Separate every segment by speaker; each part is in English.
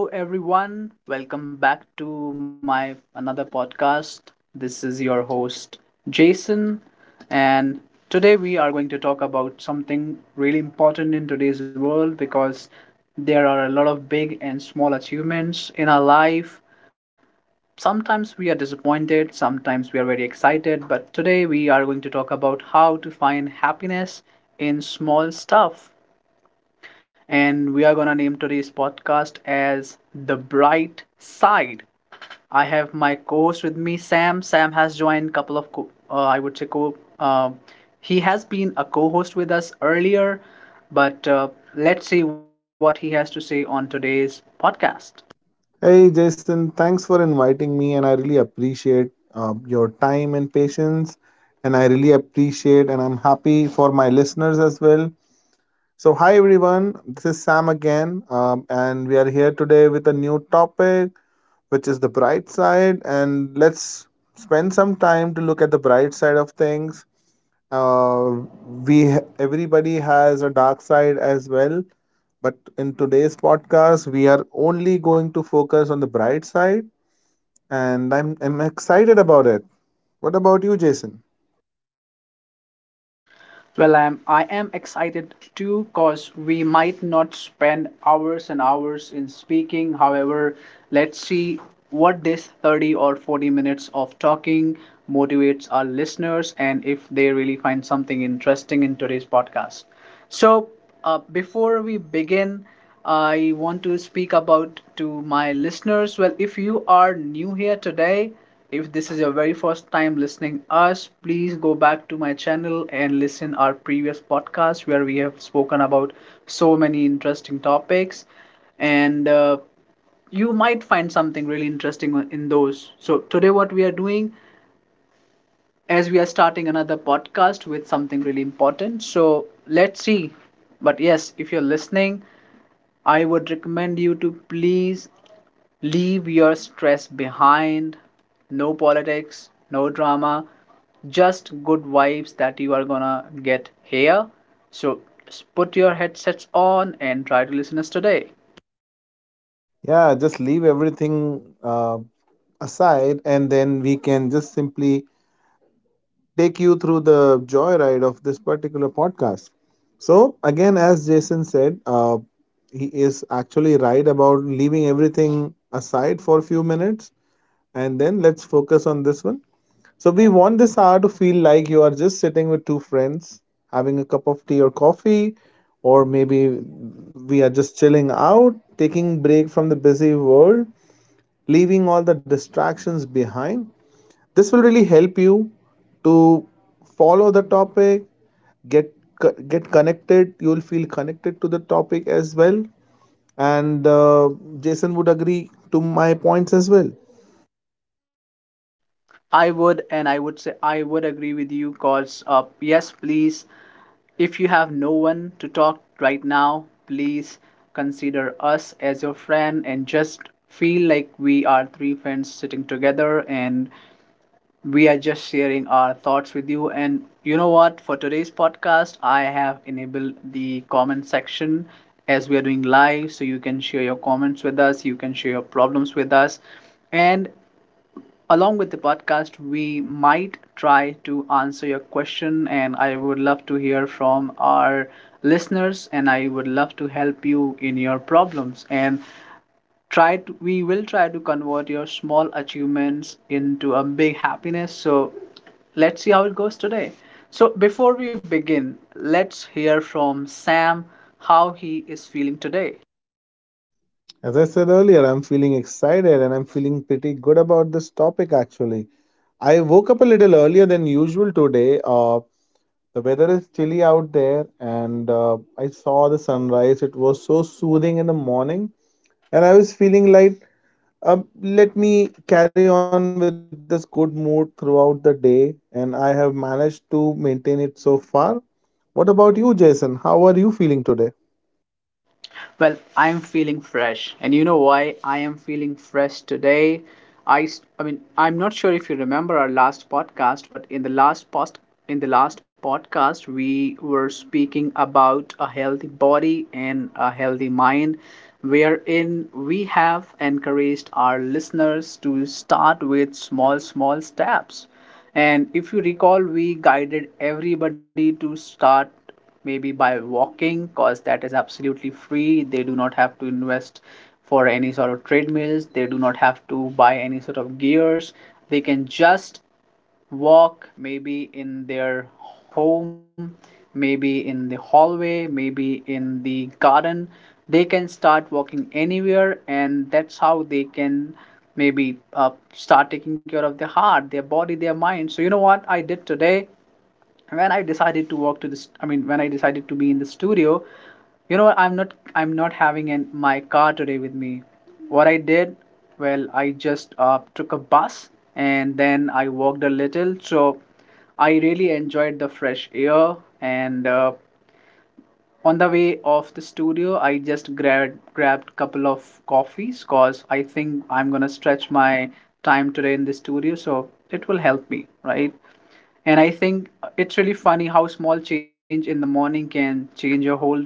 Speaker 1: Hello, everyone. Welcome back to my another podcast. This is your host, Jason. And today we are going to talk about something really important in today's world because there are a lot of big and small achievements in our life. Sometimes we are disappointed, sometimes we are very excited, but today we are going to talk about how to find happiness in small stuff, and we are gonna name today's podcast as The Bright Side. I have my co-host with me, Sam. Sam has joined couple of. Co- I would say co. He has been a co-host with us earlier, but let's see what he has to say on today's podcast.
Speaker 2: Hey Jason, thanks for inviting me, and I really appreciate your time and patience. And I really appreciate, and I'm happy for my listeners as well. So, hi everyone, this is Sam again, and we are here today with a new topic, which is the bright side. And let's spend some time to look at the bright side of things. Uh, we Everybody has a dark side as well, but in today's podcast, we are only going to focus on the bright side, and I'm excited about it. What about you, Jason?
Speaker 1: Well, I am excited too because we might not spend hours and hours in speaking. However, let's see what this 30 or 40 minutes of talking motivates our listeners and if they really find something interesting in today's podcast. So, before we begin, I want to speak about to my listeners. Well, if you are new here today, if this is your very first time listening us, please go back to my channel and listen our previous podcast where we have spoken about so many interesting topics, and you might find something really interesting in those. So today what we are doing as we are starting another podcast with something really important. So let's see. But yes, if you're listening, I would recommend you to please leave your stress behind. No politics, no drama, just good vibes that you are gonna get here. So put your headsets on and try to listen us today.
Speaker 2: Yeah, just leave everything aside, and then we can just simply take you through the joyride of this particular podcast. So, again, as Jason said, he is actually right about leaving everything aside for a few minutes. And then let's focus on this one. So we want this hour to feel like you are just sitting with two friends, having a cup of tea or coffee, or maybe we are just chilling out, taking break from the busy world, leaving all the distractions behind. This will really help you to follow the topic, get get connected. You will feel connected to the topic as well. And Jason would agree to my points as well.
Speaker 1: I would, and I would say I would agree with you because, yes, please, if you have no one to talk right now, please consider us as your friend and just feel like we are three friends sitting together and we are just sharing our thoughts with you. And you know what? For today's podcast, I have enabled the comment section as we are doing live, so you can share your comments with us, you can share your problems with us. And along with the podcast, we might try to answer your question, and I would love to hear from our listeners, and I would love to help you in your problems. And we will try to convert your small achievements into a big happiness. So let's see how it goes today. So before we begin, let's hear from Sam how he is feeling today.
Speaker 2: As I said earlier, I'm feeling excited and I'm feeling pretty good about this topic actually. I woke up a little earlier than usual today. The weather is chilly out there, and I saw the sunrise. It was so soothing in the morning, and I was feeling like, let me carry on with this good mood throughout the day, and I have managed to maintain it so far. What about you, Jason? How are you feeling today?
Speaker 1: Well, I'm feeling fresh. And you know why I am feeling fresh today? I mean, I'm not sure if you remember our last podcast, but in the last podcast we were speaking about a healthy body and a healthy mind, wherein we have encouraged our listeners to start with small small steps. And if you recall, we guided everybody to start maybe by walking, because that is absolutely free. They do not have to invest for any sort of treadmills, they do not have to buy any sort of gears. They can just walk, maybe in their home, maybe in the hallway, maybe in the garden. They can start walking anywhere, and that's how they can maybe start taking care of their heart, their body, their mind. So you know what I did today? When I decided to walk to this, I mean, when I decided to be in the studio, you know, I'm not having in my car today with me. What I did, well, I just took a bus, and then I walked a little. So I really enjoyed the fresh air. And on the way of the studio, I just grabbed couple of coffees, cause I think I'm gonna stretch my time today in the studio, so it will help me, right? And I think it's really funny how small change in the morning can change your whole day.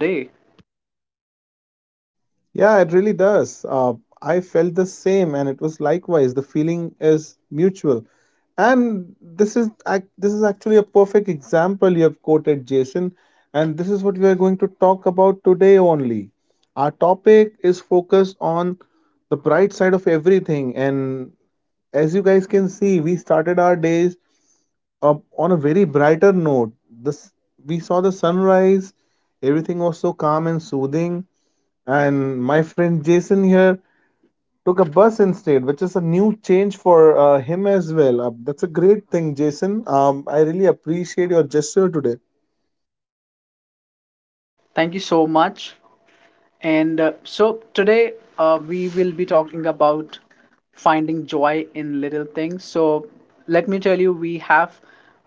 Speaker 2: Yeah, it really does. I felt the same, and it was likewise. The feeling is mutual, and this is actually a perfect example you have quoted, Jason. And this is what we are going to talk about today only. Our topic is focused on the bright side of everything, and as you guys can see, we started our days on a very brighter note. This We saw the sunrise. Everything was so calm and soothing, and my friend Jason here took a bus instead, which is a new change for him as well. That's a great thing, Jason. I really appreciate your gesture today.
Speaker 1: Thank you so much. And so today we will be talking about finding joy in little things. So let me tell you, we have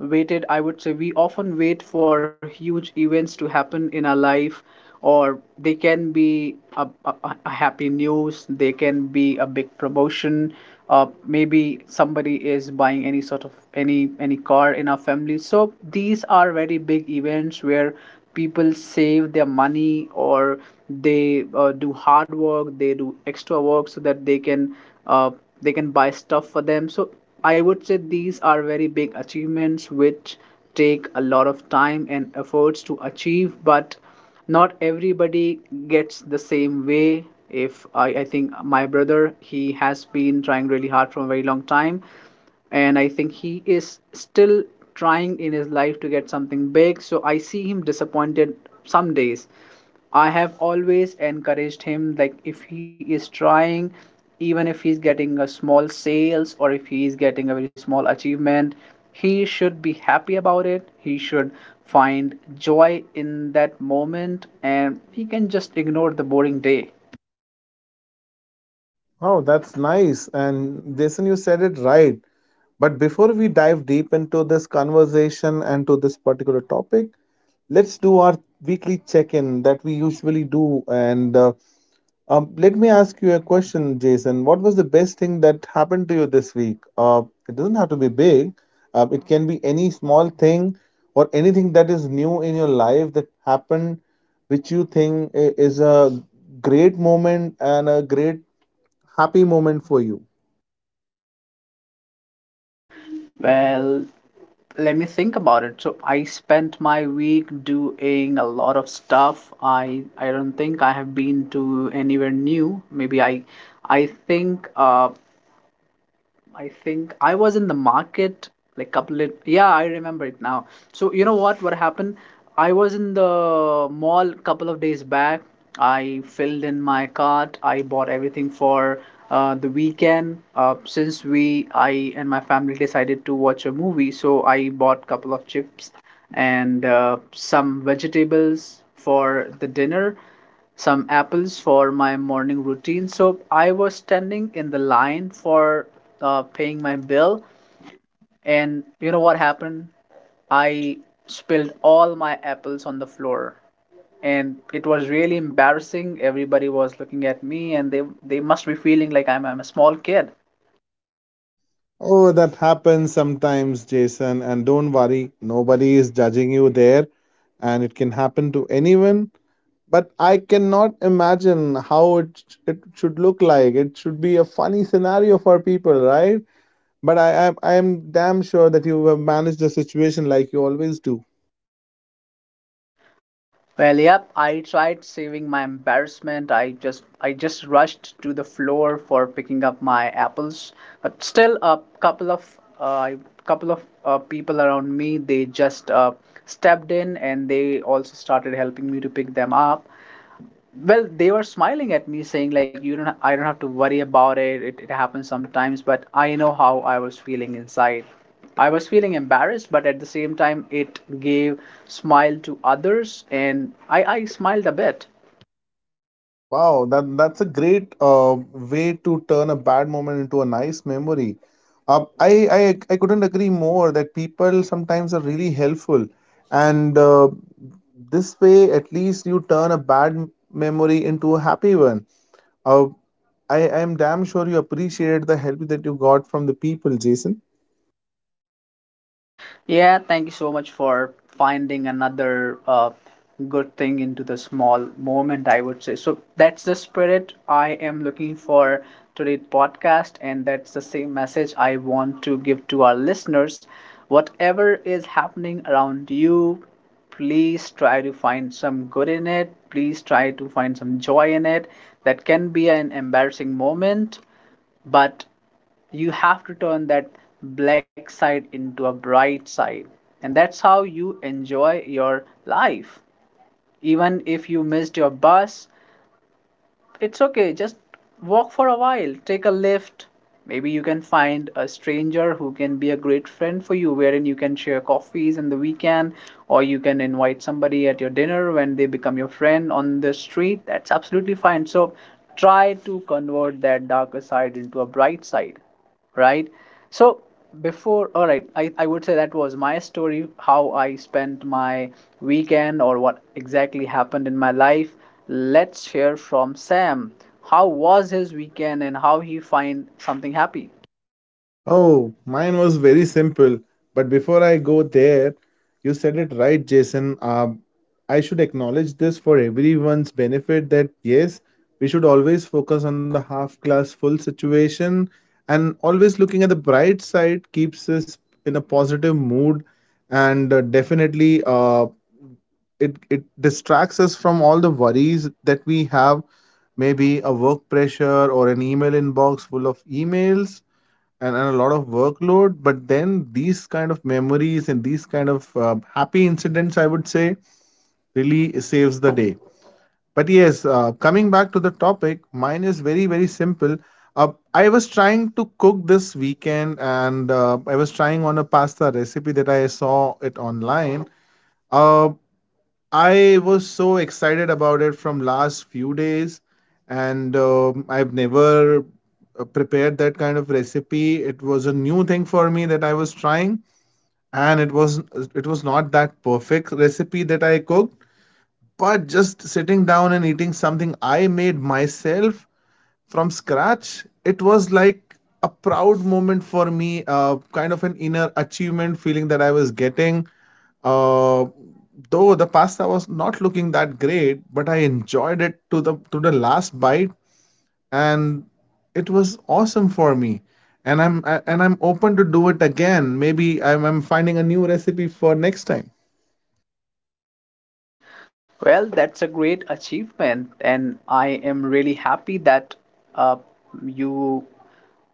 Speaker 1: waited, I would say, we often wait for huge events to happen in our life, or they can be a happy news, they can be a big promotion. Maybe somebody is buying any sort of any car in our family. So these are very big events where people save their money, or they do hard work, they do extra work so that they can uh, buy stuff for them. So I would say these are very big achievements which take a lot of time and efforts to achieve, but not everybody gets the same way. If I, I think my brother, he has been trying really hard for a very long time, and I think he is still trying in his life to get something big. So I see him disappointed some days. I have always encouraged him, like if he is trying, even if he's getting a small sales or if he is getting a very small achievement, he should be happy about it. He should find joy in that moment, and he can just ignore the boring day.
Speaker 2: Oh, that's nice, and Jason, you said it right, but before we dive deep into this conversation and to this particular topic, let's do our weekly check in that we usually do. And let me ask you a question, Jason. What was the best thing that happened to you this week? It doesn't have to be big. It can be any small thing or anything that is new in your life that happened, which you think is a great moment and a great happy moment for you.
Speaker 1: Well, let me think about it. So I spent my week doing a lot of stuff. I don't think I have been to anywhere new. Maybe I. I think uh, I think I was in the market, like couple of yeah, I remember it now. So you know what happened? I was in the mall couple of days back. I filled in my cart. I bought everything for the weekend. Since we I and my family decided to watch a movie, so I bought couple of chips and some vegetables for the dinner, some apples for my morning routine. So I was standing in the line for paying my bill, and you know what happened? I spilled all my apples on the floor. And it was really embarrassing. Everybody was looking at me, and they must be feeling like I'm a small kid.
Speaker 2: Oh, that happens sometimes, Jason. And don't worry, nobody is judging you there, and it can happen to anyone. But I cannot imagine how it should look like. It should be a funny scenario for people, right? But I am damn sure that you have managed the situation like you always do.
Speaker 1: Well, yep, I tried saving my embarrassment. I just rushed to the floor for picking up my apples. But still a uh, couple of people around me, they just stepped in, and they also started helping me to pick them up. Well, they were smiling at me, saying like you don't ha- I don't have to worry about it. It happens sometimes, but I know how I was feeling inside. I was feeling embarrassed, but at the same time, it gave smile to others, and I smiled a bit.
Speaker 2: Wow, that's a great way to turn a bad moment into a nice memory. Uh, I, I I couldn't agree more that people sometimes are really helpful, and this way at least you turn a memory into a happy one. Uh, I am damn sure you appreciated the help that you got from the people, Jason.
Speaker 1: Yeah, thank you so much for finding another good thing into the small moment, I would say. So that's the spirit I am looking for today's podcast, and that's the same message I want to give to our listeners. Whatever is happening around you, please try to find some good in it. Please try to find some joy in it. That can be an embarrassing moment, but you have to turn that black side into a bright side, and that's how you enjoy your life. Even if you missed your bus, it's okay. Just walk for a while, take a lift. Maybe you can find a stranger who can be a great friend for you, wherein you can share coffees in the weekend, or you can invite somebody at your dinner when they become your friend on the street. That's absolutely fine. So try to convert that darker side into a bright side, right? So all right, I would say that was my story, how I spent my weekend or what exactly happened in my life. Let's hear from Sam. How was his weekend and how he find something happy?
Speaker 2: Oh, mine was very simple. But before I go there, you said it right, Jason. I should acknowledge this for everyone's benefit that yes, we should always focus on the half glass full situation, and always looking at the bright side keeps us in a positive mood, and definitely it distracts us from all the worries that we have, maybe a work pressure or an email inbox full of emails, and a lot of workload. But then these kind of memories and these kind of happy incidents, I would say, really saves the day. But yes, coming back to the topic, mine is very very simple. uh, I was trying to cook this weekend, and I was trying on a pasta recipe that I saw it online. uh, I was so excited about it from last few days, and I've never prepared that kind of recipe. It was a new thing for me that I was trying, and it was not that perfect recipe that I cooked. But just sitting down and eating something I made myself from scratch, it was like a proud moment for me, kind of an inner achievement feeling that I was getting. uh, though the pasta was not looking that great, but I enjoyed it to the last bite, and it was awesome for me. And I'm open to do it again. Maybe I'm finding a new recipe for next time.
Speaker 1: Well, that's a great achievement, and I am really happy that uh, you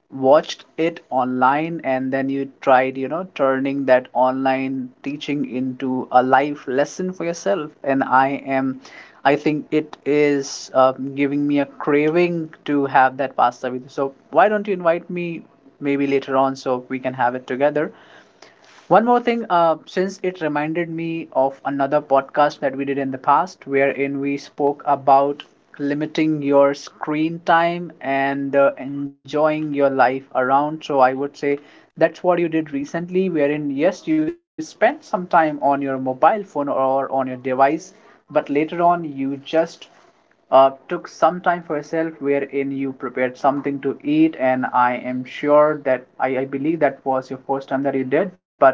Speaker 1: watched it online, and then you tried, you know, turning that online teaching into a life lesson for yourself. And I think it is giving me a craving to have that pasta with you, so why don't you invite me maybe later on so we can have it together. One more thing, since it reminded me of another podcast that we did in the past, wherein we spoke about limiting your screen time and enjoying your life around. So I would say that's what you did recently, wherein yes, you spent some time on your mobile phone or on your device, but later on you just took some time for yourself wherein you prepared something to eat, and I am sure that I believe that was your first time that you did. But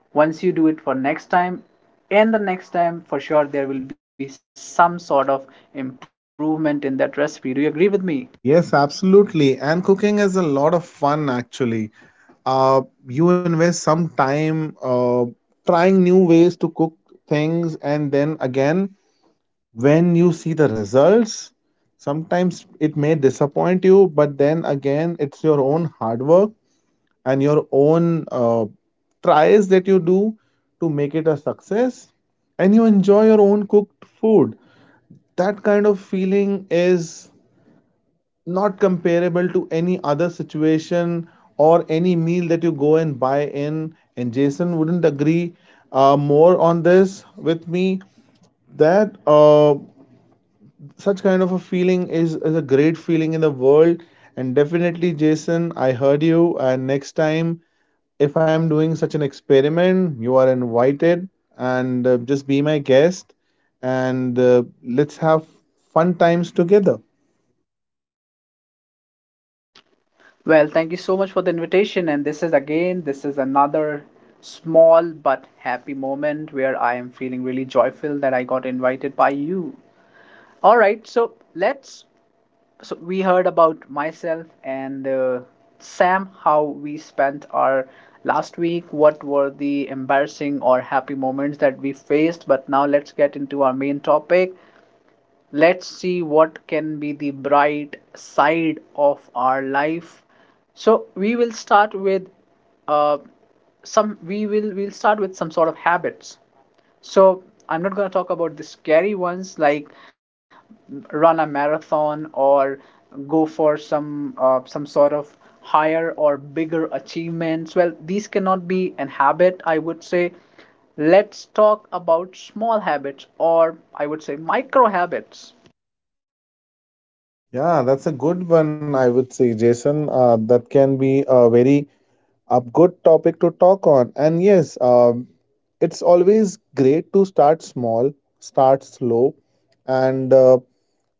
Speaker 1: once you do it for next time and the next time, for sure there will be some sort of improvement in that recipe. Do you agree with me?
Speaker 2: Yes, absolutely. And cooking is a lot of fun actually. Uh, you invest some time trying new ways to cook things, and then again when you see the results, sometimes it may disappoint you, but then again it's your own hard work and your own tries that you do to make it a success, and you enjoy your own cooked food. That kind of feeling is not comparable to any other situation or any meal that you go and buy in, and Jason wouldn't agree more on this with me, that such kind of a feeling is a great feeling in the world. And definitely, Jason, I heard you, and next time if I'm doing such an experiment, you are invited, and just be my guest, and let's have fun times together.
Speaker 1: Well, thank you so much for the invitation. And this is again, this is another small but happy moment where I am feeling really joyful that I got invited by you. All right, so let's, we heard about myself and Sam, how we spent our last week, what were the embarrassing or happy moments that we faced. But now let's get into our main topic. Let's see what can be the bright side of our life. So we will start with uh, some, we'll start with some sort of habits. So I'm not going to talk about the scary ones, like run a marathon or go for some sort of higher or bigger achievements. Well, these cannot be an habit, I would say. Let's talk about small habits, or I would say micro habits.
Speaker 2: Yeah, that's a good one, I would say, Jason. That can be a very a good topic to talk on. And yes, it's always great to start small, start slow, and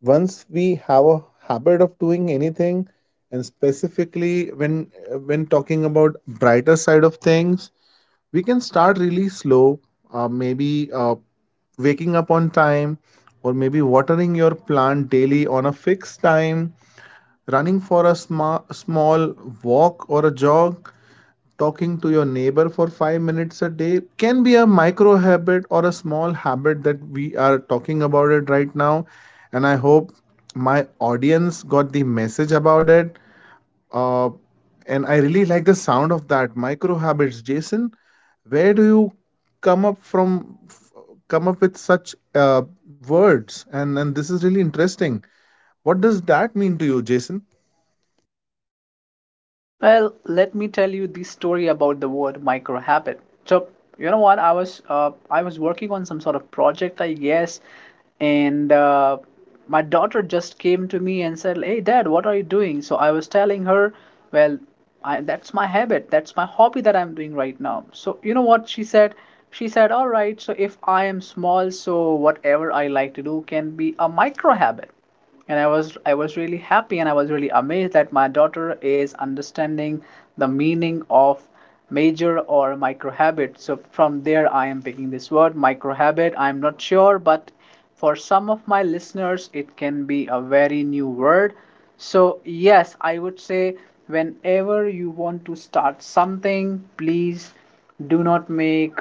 Speaker 2: once we have a habit of doing anything, and specifically when talking about brighter side of things, we can start really slow. Maybe waking up on time, or maybe watering your plant daily on a fixed time, running for a small walk or a jog, talking to your neighbor for 5 minutes a day can be a micro habit or a small habit that we are talking about it right now. And I hope my audience got the message about it. Uh, and I really like the sound of that micro habits, Jason. Where do you come up from? F- Come up with such words, and this is really interesting. What does that mean to you, Jason?
Speaker 1: Well, let me tell you the story about the word microhabit. So, you know what? I was working on some sort of project, I guess, and my daughter just came to me and said, "Hey, Dad, what are you doing?" So I was telling her, "Well, I, that's my habit. That's my hobby that I'm doing right now." So you know what she said? She said, "All right. So if I am small, so whatever I like to do can be a micro habit." And i was really happy, and I was really amazed that my daughter is understanding the meaning of major or micro habit. So from there I am picking this word micro habit. I'm not sure, but for some of my listeners it can be a very new word. So yes, I would say whenever you want to start something, please do not make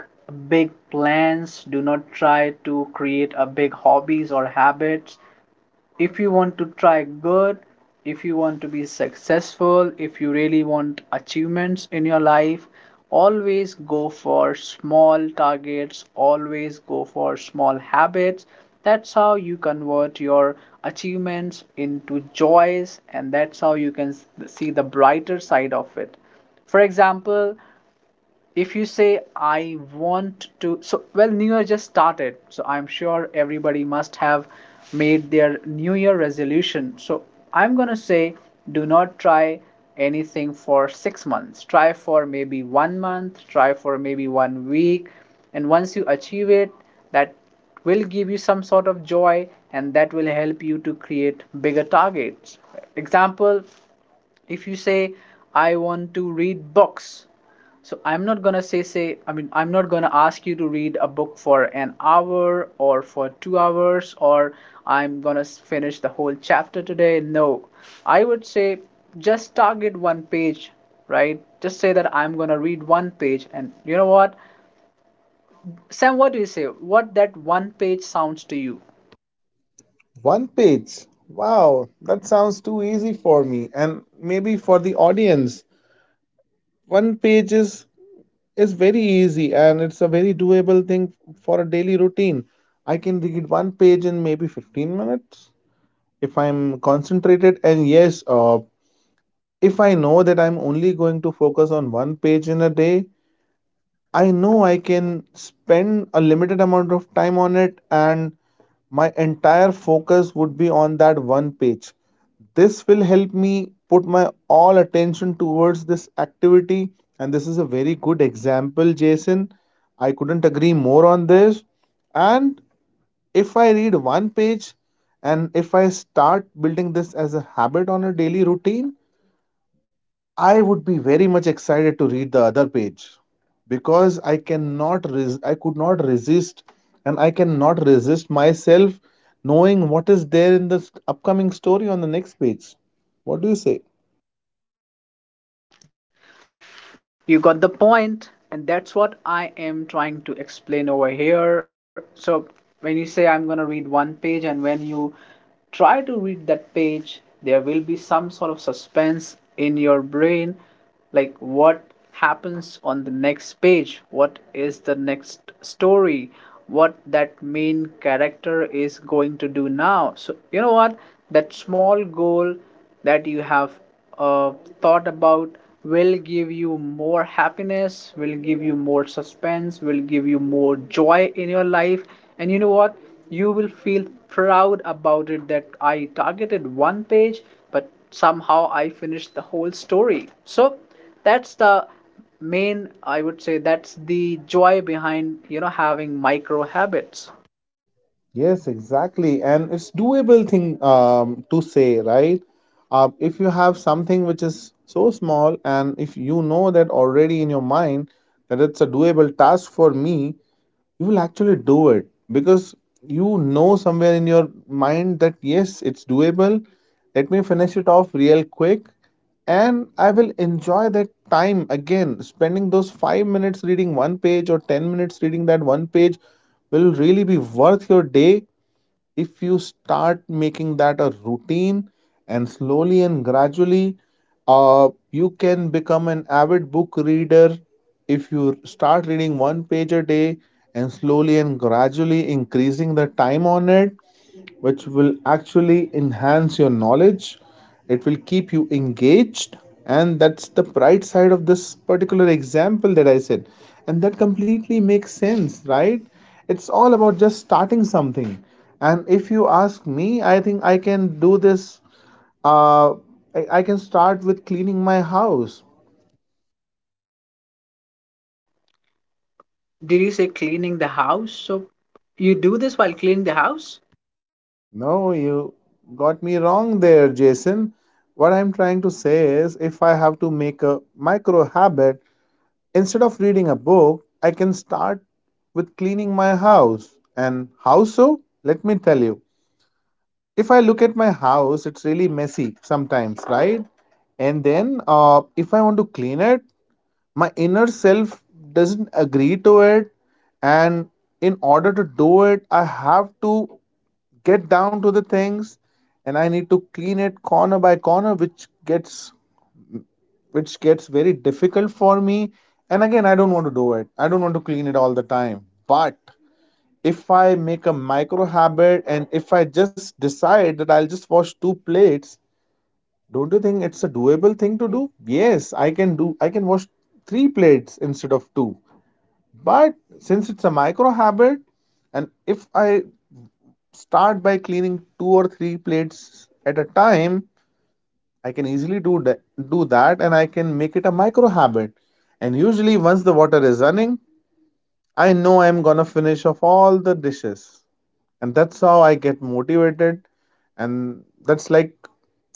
Speaker 1: big plans. Do not try to create a big hobbies or habits. If you want to try good, if you want to be successful, if you really want achievements in your life, always go for small targets, always go for small habits. That's how you convert your achievements into joys, and that's how you can see the brighter side of it. For example, if you say I want to, well, new year just started, so I'm sure everybody must have made their new year resolution. So I'm going to say do not try anything for 6 months. Try for maybe 1 month, try for maybe 1 week, and once you achieve it, that will give you some sort of joy, and that will help you to create bigger targets. Example, if you say I want to read books, so I'm not going to say, I mean, I'm not going to ask you to read a book for an hour or for 2 hours, or I'm going to finish the whole chapter today. No, I would say just target one page. Right? Just say that I'm going to read one page. And you know what, sam, what do you say? What that one page sounds to you?
Speaker 2: One page. Wow, that sounds too easy for me and maybe for the audience. One page is very easy, and it's a very doable thing for a daily routine. I can read one page in maybe 15 minutes if I'm concentrated. And yes, if I know that I'm only going to focus on one page in a day, I know I can spend a limited amount of time on it, and my entire focus would be on that one page. This will help me put my all attention towards this activity, and this is a very good example, Jason. I couldn't agree more on this. And if I read one page, and if I start building this as a habit on a daily routine, I would be very much excited to read the other page, because I could not resist, and I cannot resist myself knowing what is there in this upcoming story on the next page. What do you say?
Speaker 1: You got the point, and that's what I am trying to explain over here. So, when you say I'm going to read one page, and when you try to read that page, there will be some sort of suspense in your brain, like what happens on the next page, what is the next story, what that main character is going to do now. So, you know what? That small goal that you have uh, thought about will give you more happiness, will give you more suspense, will give you more joy in your life. And you know what? You will feel proud about it that I targeted one page, but somehow I finished the whole story. So that's the main, I would say, that's the joy behind, you know, having micro habits.
Speaker 2: Yes, exactly. And it's doable thing to say, right? If you have something which is so small, and if you know that already in your mind that it's a doable task for me, you will actually do it because you know somewhere in your mind that yes, it's doable. Let me finish it off real quick, and I will enjoy that time again. Spending those 5 minutes reading one page or 10 minutes reading that one page will really be worth your day if you start making that a routine, and slowly and gradually you can become an avid book reader if you start reading one page a day and slowly and gradually increasing the time on it, which will actually enhance your knowledge. It will keep you engaged, and that's the bright side of this particular example that I said. And that completely makes sense, right? It's all about just starting something. And if you ask me, I think I can do this. uh, I can start with cleaning my house.
Speaker 1: Did you say cleaning the house? So you do this while cleaning the house?
Speaker 2: No, you got me wrong there, Jason. What I'm trying to say is, if I have to make a micro habit, instead of reading a book, I can start with cleaning my house. And how so? Let me tell you. If I look at my house, it's really messy sometimes, right? And then if I want to clean it, my inner self doesn't agree to it. And in order to do it, I have to get down to the things and I need to clean it corner by corner, which gets very difficult for me. And again, I don't want to do it. I don't want to clean it all the time. But if I make a micro habit and if I just decide that I'll just wash two plates, don't you think it's a doable thing to do? Yes, I can wash three plates instead of two. But since it's a micro habit and if I start by cleaning two or three plates at a time, I can easily do that, and I can make it a micro habit. And usually once the water is running, I know I'm gonna finish off all the dishes. And that's how I get motivated, and that's like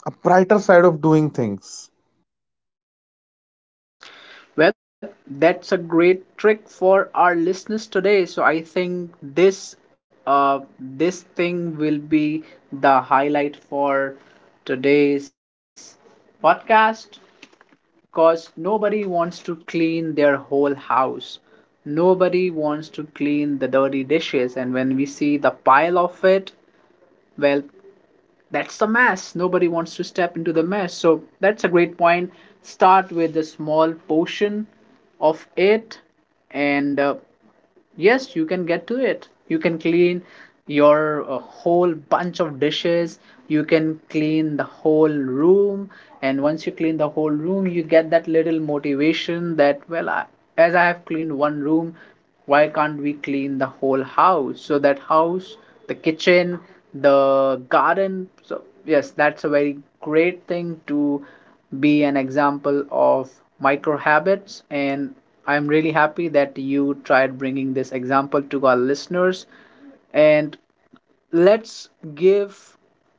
Speaker 2: a brighter side of doing things.
Speaker 1: Well, that's a great trick for our listeners today. So I think this uh this thing will be the highlight for today's podcast, because nobody wants to clean their whole house. Nobody wants to clean the dirty dishes, and when we see the pile of it, well, that's the mess. Nobody wants to step into the mess. So that's a great point. Start with a small portion of it, and yes, you can get to it. You can clean your whole bunch of dishes. You can clean the whole room. And once you clean the whole room, you get that little motivation that, well, I, as I have cleaned one room, why can't we clean the whole house? So that house, the kitchen, the garden. So yes, that's a very great thing to be an example of micro habits. And I'm really happy that you tried bringing this example to our listeners. And let's give,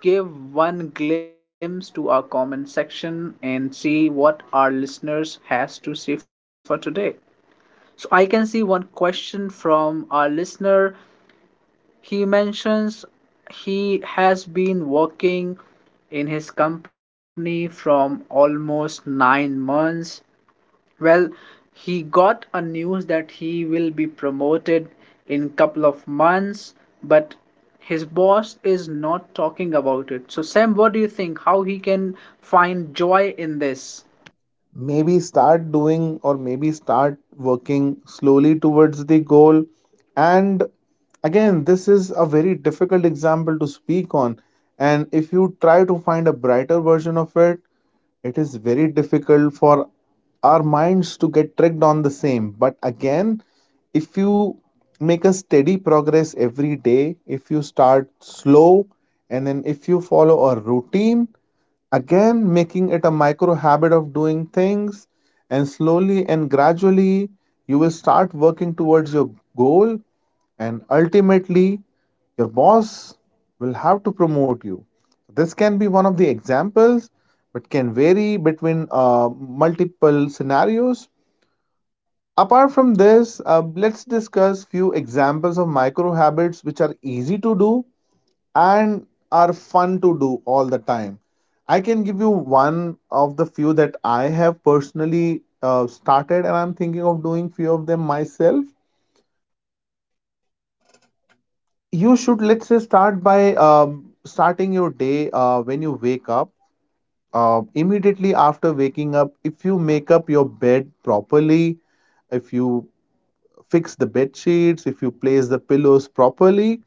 Speaker 1: let's give one glimpse to our comment section and see what our listeners has to say for today. So I can see one question from our listener. He mentions he has been working in his company from almost 9 months. Well, he got a news that he will be promoted in couple of months, but his boss is not talking about it. So Sam, what do you think how he can find joy in this?
Speaker 2: Maybe start doing, or maybe start working slowly towards the goal. And again, this is a very difficult example to speak on, and if you try to find a brighter version of it, it is very difficult for our minds to get tricked on the same. But again, if you make a steady progress every day, if you start slow and then if you follow a routine, again, making it a micro habit of doing things, and slowly and gradually, you will start working towards your goal, and ultimately, your boss will have to promote you. This can be one of the examples, but can vary between multiple scenarios. Apart from this, let's discuss few examples of micro habits which are easy to do and are fun to do all the time. I can give you one of the few that I have personally started, and I'm thinking of doing few of them myself. You should, let's say, start by starting your day when you wake up. Immediately after waking up, if you make up your bed properly, if you fix the bed sheets, if you place the pillows properly,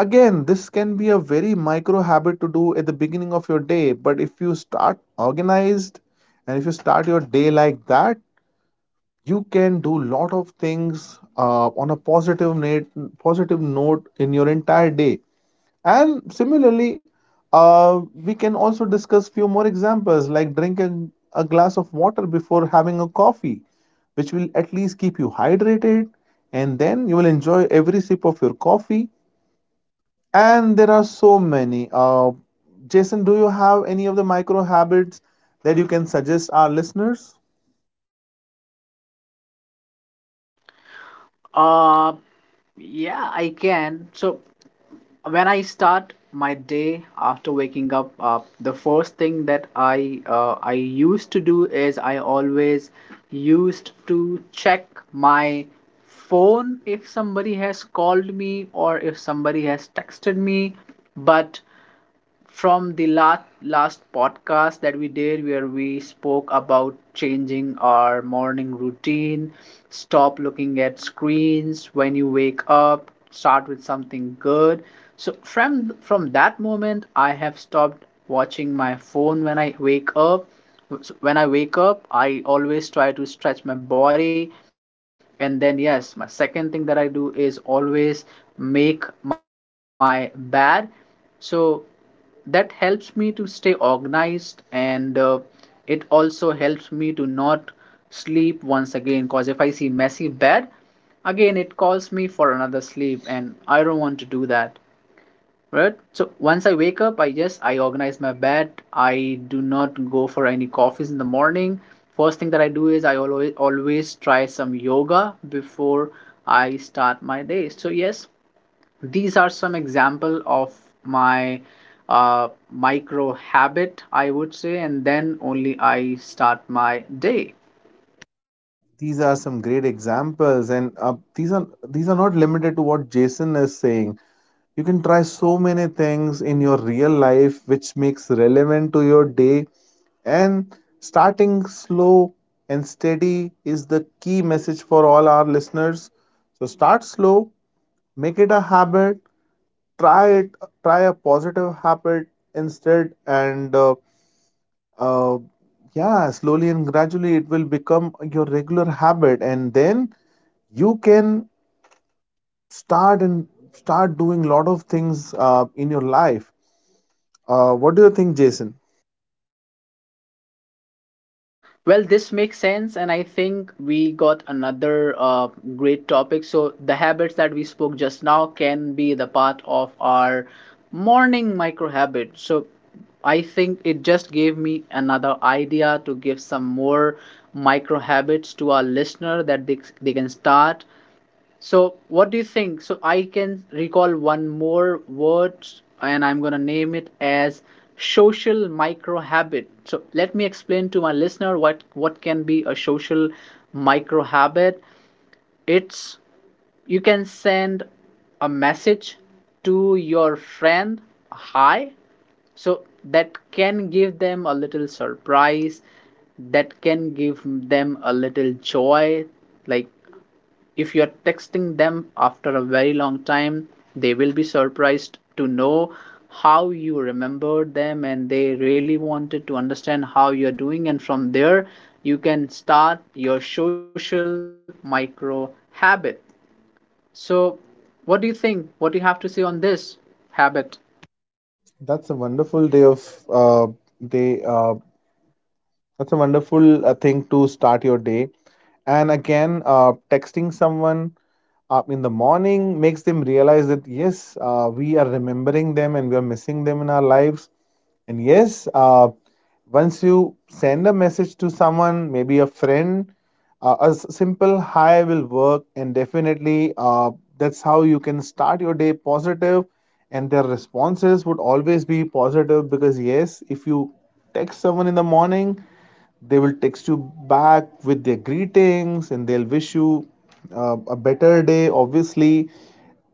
Speaker 2: again, this can be a very micro habit to do at the beginning of your day, but if you start organized and if you start your day like that, you can do lot of things on a positive note in your entire day. And similarly, we can also discuss few more examples like drinking a glass of water before having a coffee, which will at least keep you hydrated, and then you will enjoy every sip of your coffee, and there are so many. Jason, do you have any of the micro habits that you can suggest our listeners?
Speaker 1: Uh yeah, I can. So when I start my day after waking up, the first thing that I used to do is I always used to check my phone if somebody has called me or if somebody has texted me. But from the last podcast that we did, where we spoke about changing our morning routine, stop looking at screens when you wake up, start with something good. So from that moment I have stopped watching my phone when I wake up. So when I wake up, I always try to stretch my body. And then yes, my second thing that I do is always make my bed. So that helps me to stay organized, and it also helps me to not sleep once again, because if I see messy bed, again it calls me for another sleep, and I don't want to do that. Right? So once I wake up, I just, I organize my bed. I do not go for any coffees in the morning. First thing that I do is I always, always try some yoga before I start my day. So yes, these are some example of my micro habit, I would say, and then only I start my day.
Speaker 2: These are some great examples, and these are not limited to what Jason is saying. You can try so many things in your real life which makes relevant to your day, and starting slow and steady is the key message for all our listeners. So start slow, make it a habit, try it, try a positive habit instead. And uh, yeah, slowly and gradually it will become your regular habit, and then you can start and start doing lot of things in your life. What do you think, Jason?
Speaker 1: Well, this makes sense, and I think we got another great topic. So the habits that we spoke just now can be the part of our morning micro habit. So I think it just gave me another idea to give some more micro habits to our listener that they can start. So, what do you think? So, I can recall one more word, and I'm going to name it as social micro habit. So, let me explain to my listener what can be a social micro habit. It's you can send a message to your friend, hi, so that can give them a little surprise, that can give them a little joy, like if you are texting them after a very long time, they will be surprised to know how you remembered them, and they really wanted to understand how you're doing. And from there, you can start your social micro habit. So, what do you think? What do you have to say on this habit?
Speaker 2: that's a wonderful day of uh, day uh, that's a wonderful thing to start your day. And again, texting someone in the morning makes them realize that yes, we are remembering them and we are missing them in our lives. And yes, once you send a message to someone, maybe a friend, a simple hi will work. And definitely, that's how you can start your day positive. And their responses would always be positive because, yes, if you text someone in the morning, they will text you back with their greetings and they'll wish you a better day, obviously.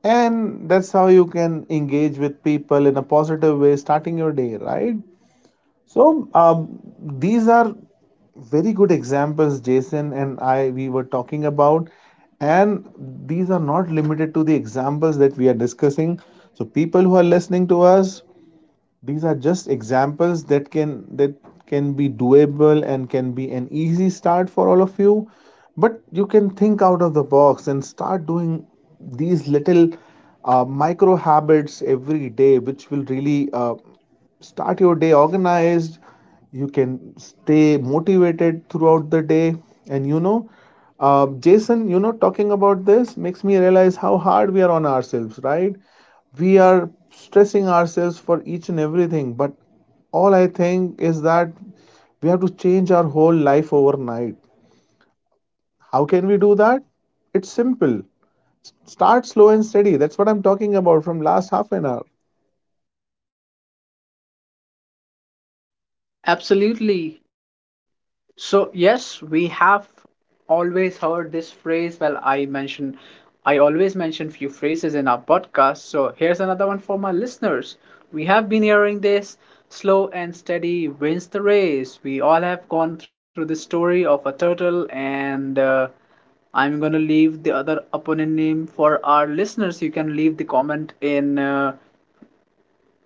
Speaker 2: And that's how you can engage with people in a positive way, starting your day, right? So, these are very good examples, Jason, and I we were talking about, and these are not limited to the examples that we are discussing. So people who are listening to us, these are just examples that can be doable and can be an easy start for all of you. But you can think out of the box and start doing these little micro habits every day, which will really start your day organized. You can stay motivated throughout the day. And you know, Jason, you know, talking about this makes me realize how hard we are on ourselves, right? We are stressing ourselves for each and everything, but all I think is that we have to change our whole life overnight. How can we do that? It's simple. Start slow and steady. That's what I'm talking about from last half an hour.
Speaker 1: Absolutely. So, yes, we have always heard this phrase. Well, I always mention few phrases in our podcast. So, here's another one for my listeners. We have been hearing this slow and steady wins the race. We all have gone through the story of a turtle, and I'm gonna leave the other opponent name for our listeners. You can leave the comment in.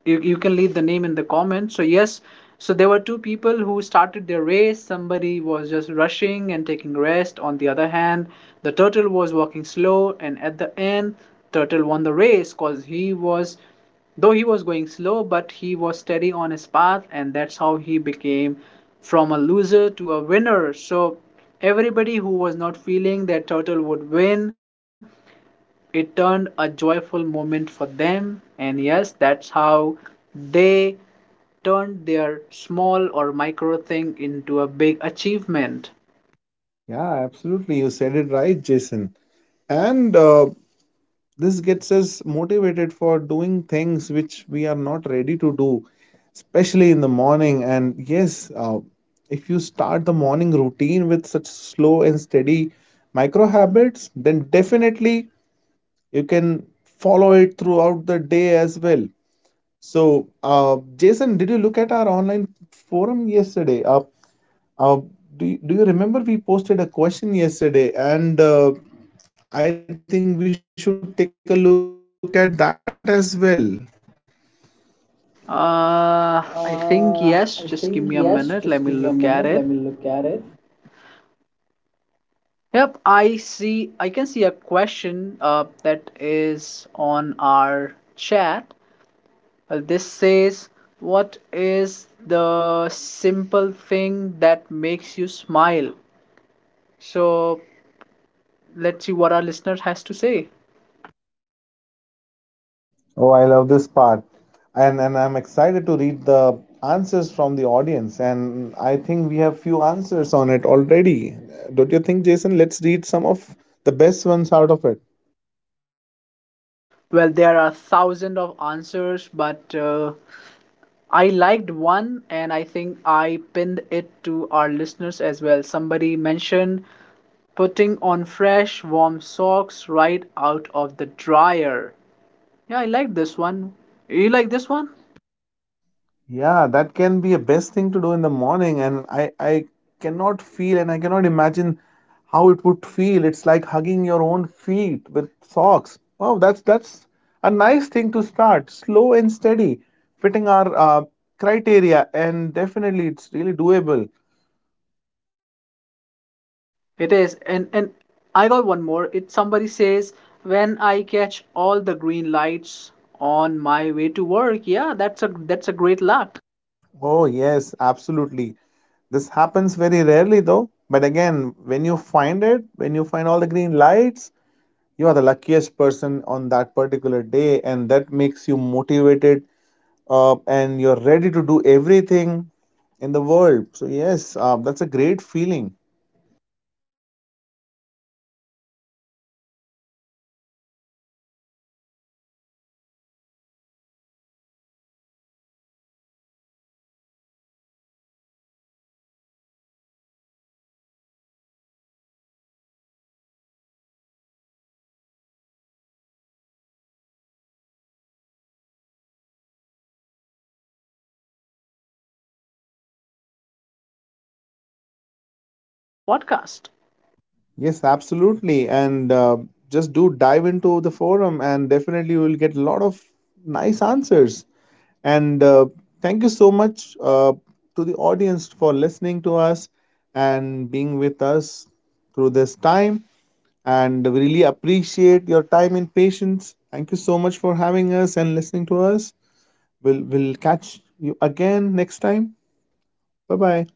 Speaker 1: You can leave the name in the comments. So yes, so there were two people who started their race. Somebody was just rushing and taking rest. On the other hand, the turtle was walking slow, and at the end turtle won the race, cause he was, though he was going slow, but he was steady on his path, and that's how he became from a loser to a winner. So everybody who was not feeling that turtle would win, it turned a joyful moment for them. And yes, that's how they turned their small or micro thing into a big achievement.
Speaker 2: Yeah, absolutely, you said it right, Jason. And this gets us motivated for doing things which we are not ready to do, especially in the morning. And yes, if you start the morning routine with such slow and steady micro habits, then definitely you can follow it throughout the day as well. So, Jason, did you look at our online forum yesterday? Uh, do you remember we posted a question yesterday? And I think we should take a look at that as well.
Speaker 1: I think yes, just give me a minute, let me look at it. Yep, I see, I can see a question that is on our chat. Well, this says what is the simple thing that makes you smile? So let's see what our listener has to say.
Speaker 2: Oh, I love this part. And I'm excited to read the answers from the audience. And I think we have few answers on it already. Don't you think, Jason? Let's read some of the best ones out of it.
Speaker 1: Well, there are thousands of answers, but I liked one, and I think I pinned it to our listeners as well. Somebody mentioned putting on fresh, warm socks right out of the dryer. Yeah, I like this one. You like this one?
Speaker 2: Yeah, that can be a best thing to do in the morning, and I cannot feel and I cannot imagine how it would feel. It's like hugging your own feet with socks. Wow, that's a nice thing to start, slow and steady, fitting our criteria, and definitely it's really doable.
Speaker 1: It is. And, I got one more. It somebody says when I catch all the green lights on my way to work. Yeah, that's a, that's a great luck.
Speaker 2: Oh yes, absolutely. This happens very rarely though, but again, when you find all the green lights, you are the luckiest person on that particular day, and that makes you motivated and you're ready to do everything in the world. So yes, that's a great feeling.
Speaker 1: Yes, so there are so many answers available to this question. I think if we read all of them, it will take hours and hours. So we can leave this to our listeners. Please visit our channel, and yes, read all the questions. So this will brings to the end of our podcast, I would say. Thank you so much for listening us, and stay tuned for our next podcast.
Speaker 2: Yes, absolutely. And just do dive into the forum, and definitely you will get a lot of nice answers. And thank you so much to the audience for listening to us and being with us through this time, and we really appreciate your time and patience. Thank you so much for having us and listening to us. We'll catch you again next time. Bye bye.